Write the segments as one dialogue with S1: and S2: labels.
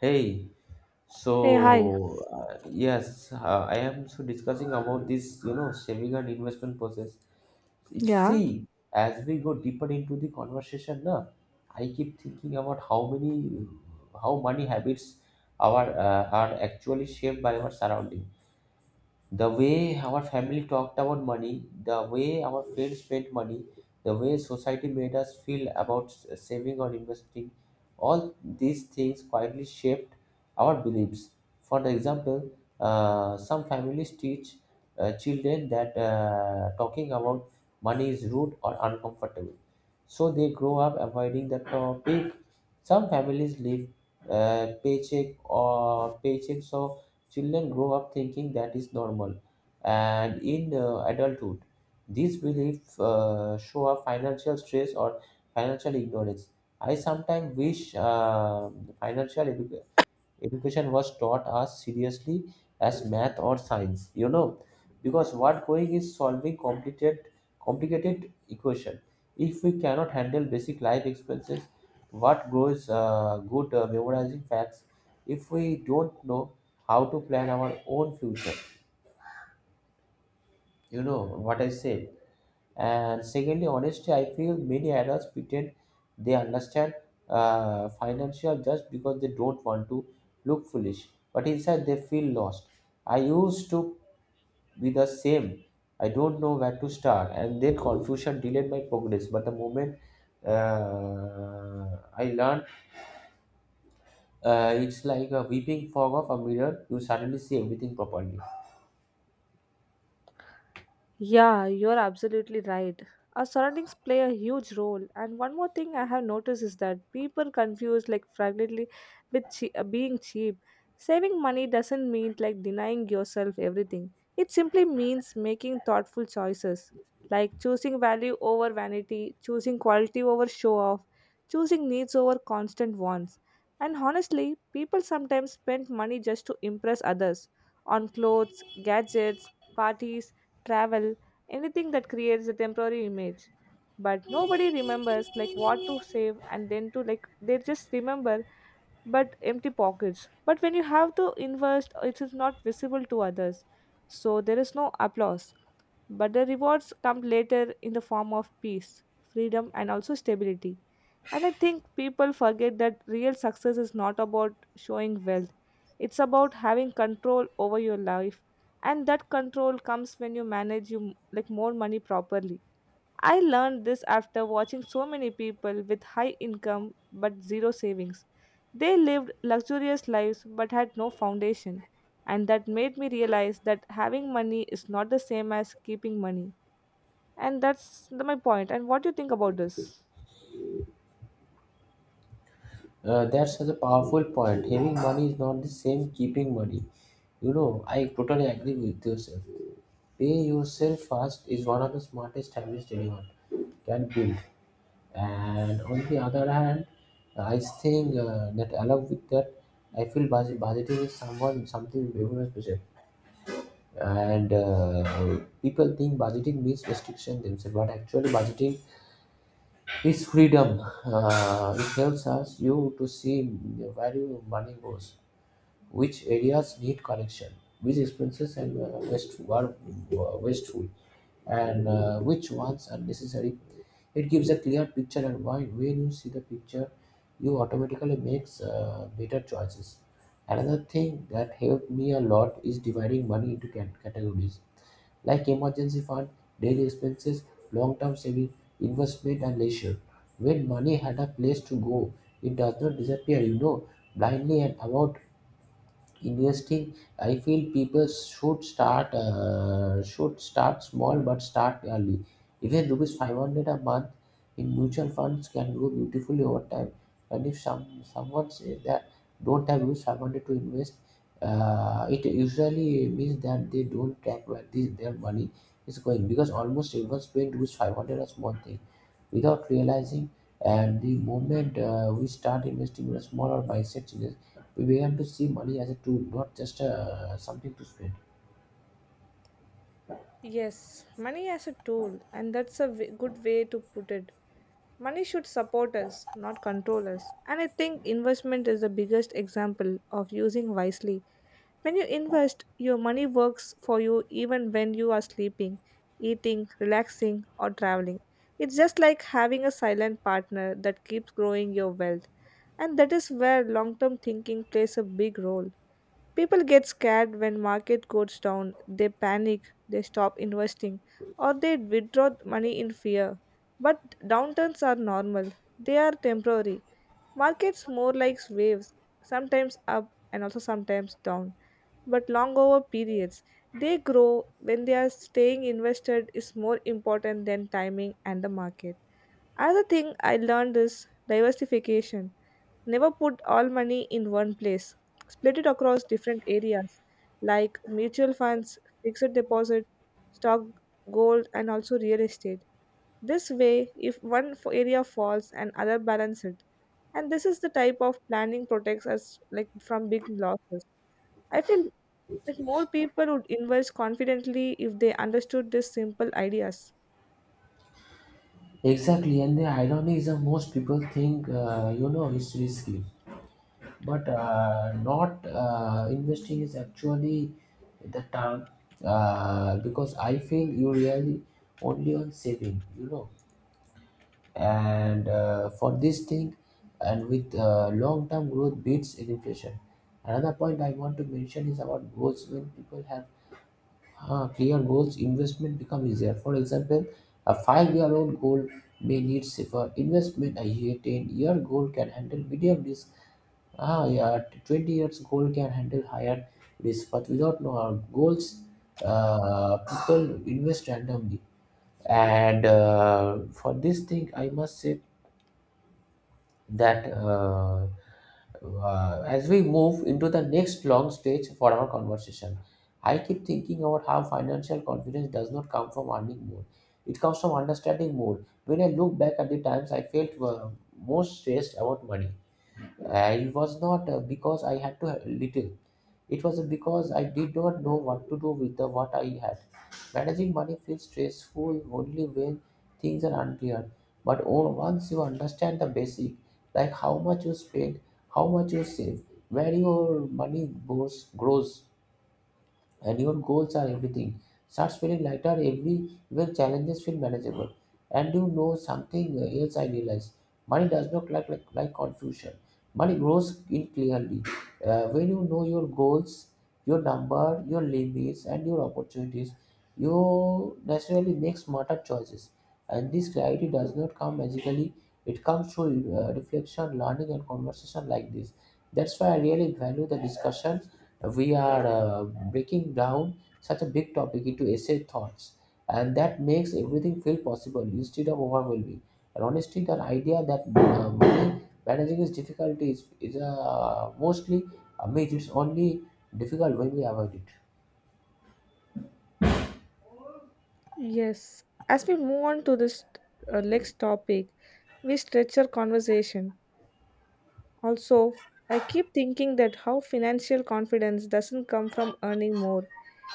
S1: Hey,
S2: Hey, hi.
S1: so, yes, I am so discussing about this, saving and investment process.
S2: Ja,
S1: See, as we go deeper into the conversation, na, I keep thinking about how many, how money habits our are actually shaped by our surroundings, the way our family talked about money, the way our friends spent money, the way society made us feel about saving or investing. All these things quietly shaped our beliefs. For example, some families teach children that talking about money is rude or uncomfortable. So they grow up avoiding the topic. Some families live paycheck or paycheck, so children grow up thinking that is normal, and in adulthood, these beliefs show a financial stress or financial ignorance. I sometimes wish financial education was taught as seriously as math or science, because what going is solving complicated equation if we cannot handle basic life expenses, what grows good memorizing facts if we don't know how to plan our own future, you know what I say. And secondly, honestly, I feel many adults pretend they understand financial just because they don't want to look foolish, but inside they feel lost. I used to be the same. I don't know where to start, and then confusion delayed my progress. But the moment I learned, it's like a weeping fog of a mirror. You suddenly see everything properly.
S2: yeah, you're absolutely right. Our surroundings play a huge role. And one more thing I have noticed is that people confuse like fragility with being cheap. Saving money doesn't mean like denying yourself everything. It simply means making thoughtful choices, like choosing value over vanity, choosing quality over show off, choosing needs over constant wants. And honestly, people sometimes spend money just to impress others on clothes, gadgets, parties, travel, anything that creates a temporary image. But nobody remembers like what to save and then to like they just remember but empty pockets. But when you have to invest, it is not visible to others. So there is no applause. But the rewards come later in the form of peace, freedom, and also stability. And I think people forget that real success is not about showing wealth, it's about having control over your life. And that control comes when you manage you like more money properly. I learned this after watching so many people with high income but zero savings. They lived luxurious lives but had no foundation, and that made me realize that having money is not the same as keeping money. And my point. And what do you think about this?
S1: That's such a powerful point. Having money is not the same keeping money. You know, I totally agree with yourself. Pay yourself first is one of the smartest habits anyone can build. And on the other hand, I think that along with that, I feel budgeting is someone something very much special. And people think budgeting means restriction themselves, but actually budgeting is freedom. It helps us you to see where your money goes, which areas need correction, which expenses and wasteful, and which ones are necessary. It gives a clear picture, and why when you see the picture, you automatically makes better choices. Another thing that helped me a lot is dividing money into categories like emergency fund, daily expenses, long-term saving, investment, and leisure. When money had a place to go, it does not disappear, you know, blindly. And without investing, I feel people should start, small but start early. Even rupees 500 a month in mutual funds can grow beautifully over time. And if someone says that don't have rupees 500 to invest, it usually means that they don't track where their money is going because almost everyone spends rupees 500 on small thing without realizing. And the moment we start investing in a smaller mindset changes, we began to see money as a tool, not just something to spend.
S2: Yes, money as a tool, and that's a good way to put it. Money should support us, not control us. And I think investment is the biggest example of using wisely. When you invest, your money works for you even when you are sleeping, eating, relaxing, or traveling. It's just like having a silent partner that keeps growing your wealth. And that is where long term thinking plays a big role. People get scared when market goes down, they panic, they stop investing, or they withdraw money in fear. But downturns are normal. They are temporary. Markets more like waves, sometimes up and also sometimes down, but long over periods. They grow when they are staying invested is more important than timing and the market. Another thing I learned is diversification. Never put all money in one place. Split it across different areas like mutual funds, fixed deposit, stock, gold and also real estate. This way if one area falls and other balance it, and this is the type of planning protects us like from big losses. I feel that more people would invest confidently if they understood these simple ideas.
S1: Exactly, and the irony is that most people think, you know, it's risky, but not investing is actually the term, because I feel you really only on saving, you know, and for this thing, and with long term growth beats inflation. Another point I want to mention is about goals when people have clear goals, investment become easier. For example, a five-year-old goal may need safer investment. A ten-year goal can handle medium risk. Ah, yeah, 20 years goal can handle higher risk. But without no goals, people invest randomly. And for this thing, I must say that as we move into the next long stage for our conversation, I keep thinking about how financial confidence does not come from earning more. It comes from understanding more. When I look back at the times I felt most stressed about money, it was not because I had to have little. It was because I did not know what to do with the what I had. Managing money feels stressful only when things are unclear. But once you understand the basic, like how much you spend, how much you save, where your money goes, grows, and your goals are, everything starts feeling lighter, every when challenges feel manageable. And you know something else, I realized money does not like, confusion. Money grows in clearly, when you know your goals, your number, your limits and your opportunities, you naturally make smarter choices. And this clarity does not come magically. It comes through reflection, learning and conversation like this. That's why I really value the discussion. We are breaking down such a big topic into essay thoughts, and that makes everything feel possible instead of overwhelming. And honestly, the idea that money managing is difficult is mostly a myth. It's only difficult when we avoid it.
S2: Yes, as we move on to this next topic, we stretch our conversation also. I keep thinking that how financial confidence doesn't come from earning more,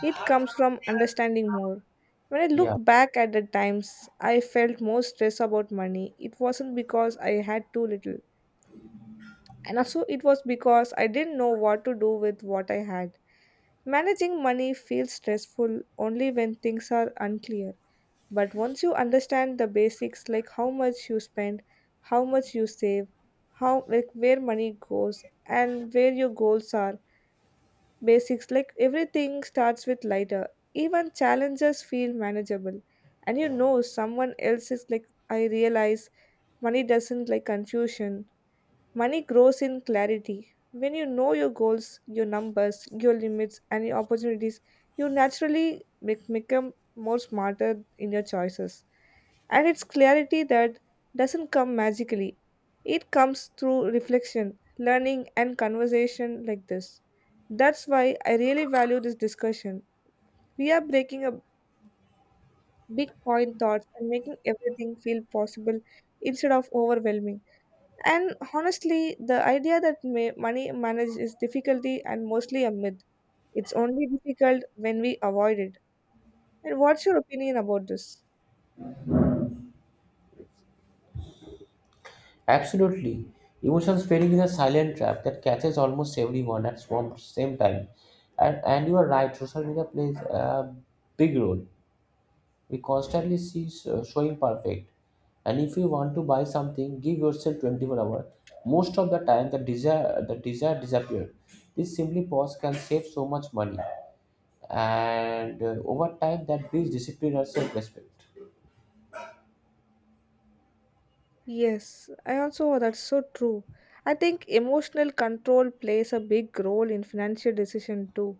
S2: it comes from understanding more. When I look
S1: Yeah,
S2: back at the times I felt more stress about money, it wasn't because I had too little. And also, it was because I didn't know what to do with what I had. Managing money feels stressful only when things are unclear. But once you understand the basics like how much you spend, how much you save, how like where money goes and where your goals are, basics like everything starts with lighter. Even challenges feel manageable. And you know someone else is like I realize money doesn't like confusion. Money grows in clarity. When you know your goals, your numbers, your limits, and your opportunities, you naturally become more smarter in your choices. And it's clarity that doesn't come magically, it comes through reflection, learning, and conversation like this. That's why I really value this discussion. We are breaking up big point thoughts and making everything feel possible instead of overwhelming. And honestly, the idea that money manage is difficulty and mostly a myth. It's only difficult when we avoid it. And what's your opinion about this?
S1: absolutely. Emotion spinning is a silent trap that catches almost everyone at one same time. And you are right, social media plays a big role. We constantly see showing perfect. And if you want to buy something, give yourself 24 hours. Most of the time, the desire disappears. This simply pause can save so much money, and over time that builds discipline or self-respect.
S2: Yes, I also that's so true. I think emotional control plays a big role in financial decision too.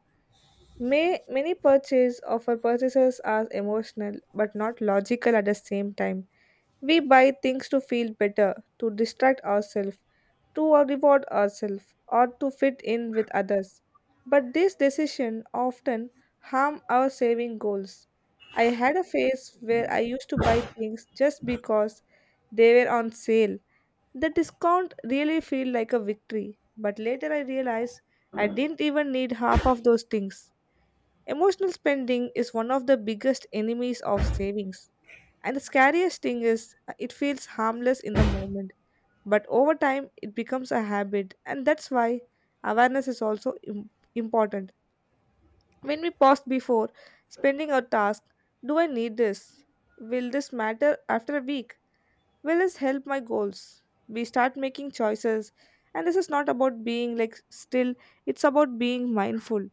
S2: May many purchase of our purchases are emotional but not logical at the same time. We buy things to feel better, to distract ourselves, to reward ourselves or to fit in with others. But these decisions often harm our saving goals. I had a phase where I used to buy things just because they were on sale. The discount really felt like a victory, but later I realized I didn't even need half of those things. Emotional spending is one of the biggest enemies of savings. And the scariest thing is, it feels harmless in the moment but over time, it becomes a habit, and that's why awareness is also important. When we pause before spending our task, do I need this? Will this matter after a week? Will this help my goals? We start making choices, and this is not about being like still, it's about being mindful.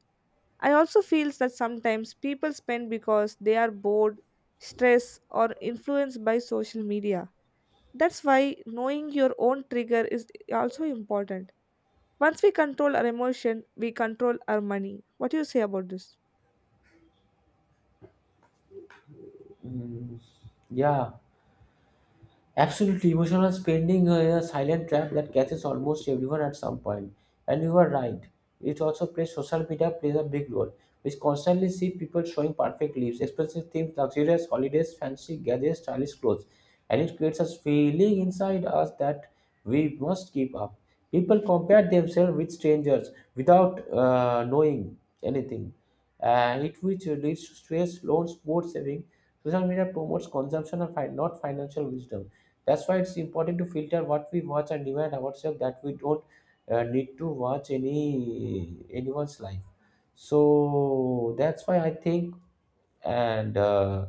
S2: I also feel that sometimes people spend because they are bored, stressed, or influenced by social media. That's why knowing your own trigger is also important. Once we control our emotion, we control our money. What do you say about this?
S1: Yeah. Absolutely, emotional spending is a silent trap that catches almost everyone at some point. And you are right. It also plays social media plays a big role. We constantly see people showing perfect lives, expensive things, luxurious holidays, fancy gadgets, stylish clothes, and it creates a feeling inside us that we must keep up. People compare themselves with strangers without knowing anything, and it which leads to stress, loans, poor saving. Social media promotes consumption and not financial wisdom. That's why it's important to filter what we watch and remind ourselves that we don't need to watch anyone's life. So that's why I think, and uh,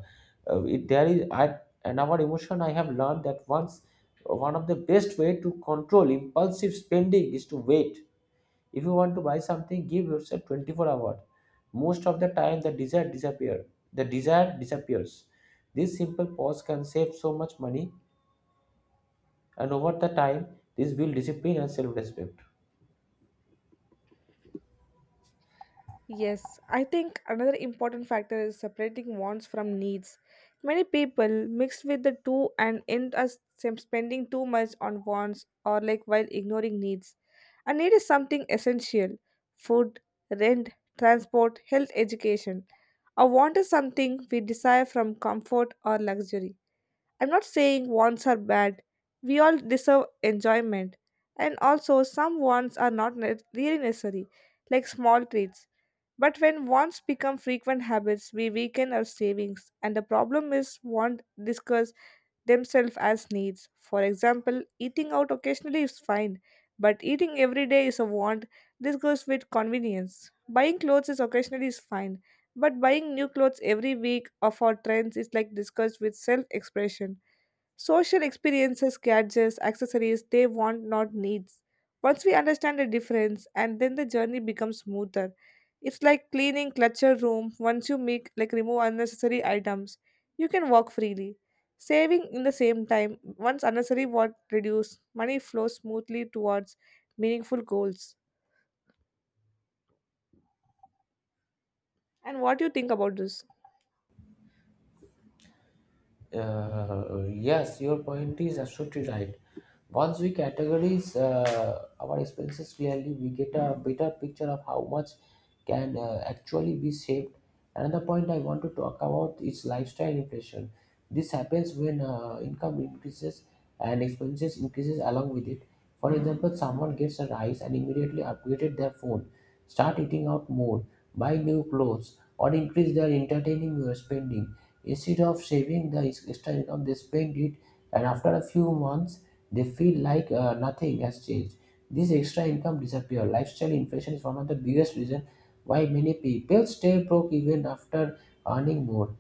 S1: uh, it, there is I and our emotion. I have learned that once, one of the best way to control impulsive spending is to wait. If you want to buy something, give yourself 24 hours. Most of the time, The desire disappears. This simple pause can save so much money, and over the time this build discipline and self-respect.
S2: Yes, I think another important factor is separating wants from needs. Many people mix with the two and end up spending too much on wants or like while ignoring needs. A need is something essential: food, rent, transport, health, education. A want is something we desire from comfort or luxury. I'm not saying wants are bad. We all deserve enjoyment. And also, some wants are not really necessary, like small treats. But when wants become frequent habits, we weaken our savings, and the problem is want discuss themselves as needs. For example, eating out occasionally is fine, but eating every day is a want. This goes with convenience. Buying clothes is occasionally is fine, but buying new clothes every week or for trends is like discussed with self-expression. Social experiences, gadgets, accessories, they want not needs. Once we understand the difference and then the journey becomes smoother. It's like cleaning clutter room. Once you make like remove unnecessary items, you can walk freely. Saving in the same time, once unnecessary what reduce, money flows smoothly towards meaningful goals. And what do you think about this?
S1: Uh, yes, your point is absolutely right. Once we categorize our expenses clearly, we get a better picture of how much can actually be saved. Another point I want to talk about is lifestyle inflation. This happens when income increases and expenses increases along with it. For example, someone gets a rise and immediately upgraded their phone, start eating out more, buy new clothes, or increase their entertaining spending. Instead of saving the extra income, they spend it, and after a few months, they feel like nothing has changed. This extra income disappears. Lifestyle inflation is one of the biggest reasons why many people stay broke even after earning more.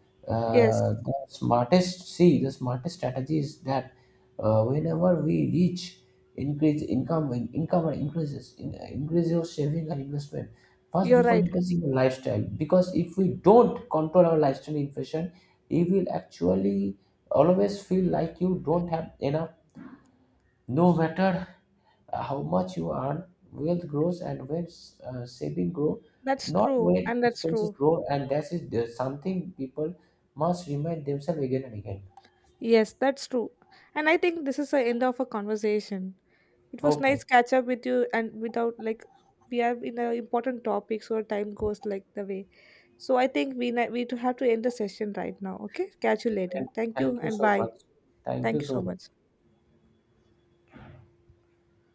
S2: Yes,
S1: See, the smartest strategy is that, whenever we reach increase income, when income increases, increase your saving and investment first
S2: you're
S1: before
S2: right.
S1: increasing your lifestyle. Because if we don't control our lifestyle inflation, it will actually always feel like you don't have enough, no matter how much you earn, wealth grows and when saving grow,
S2: That's
S1: not
S2: true,
S1: when
S2: and that's
S1: expenses
S2: true.
S1: grow, and that is something people must remind themselves again and again.
S2: Yes, that's true. And I think this is the end of a conversation. It was nice
S1: Okay,
S2: catch up with you and without like we have in a important topic, so time goes like the way. So I think we to have to end the session right now. Okay, catch you later. Thank you
S1: thank you
S2: and
S1: so
S2: bye.
S1: much. Thank you
S2: Thank you so
S1: so much.
S2: much.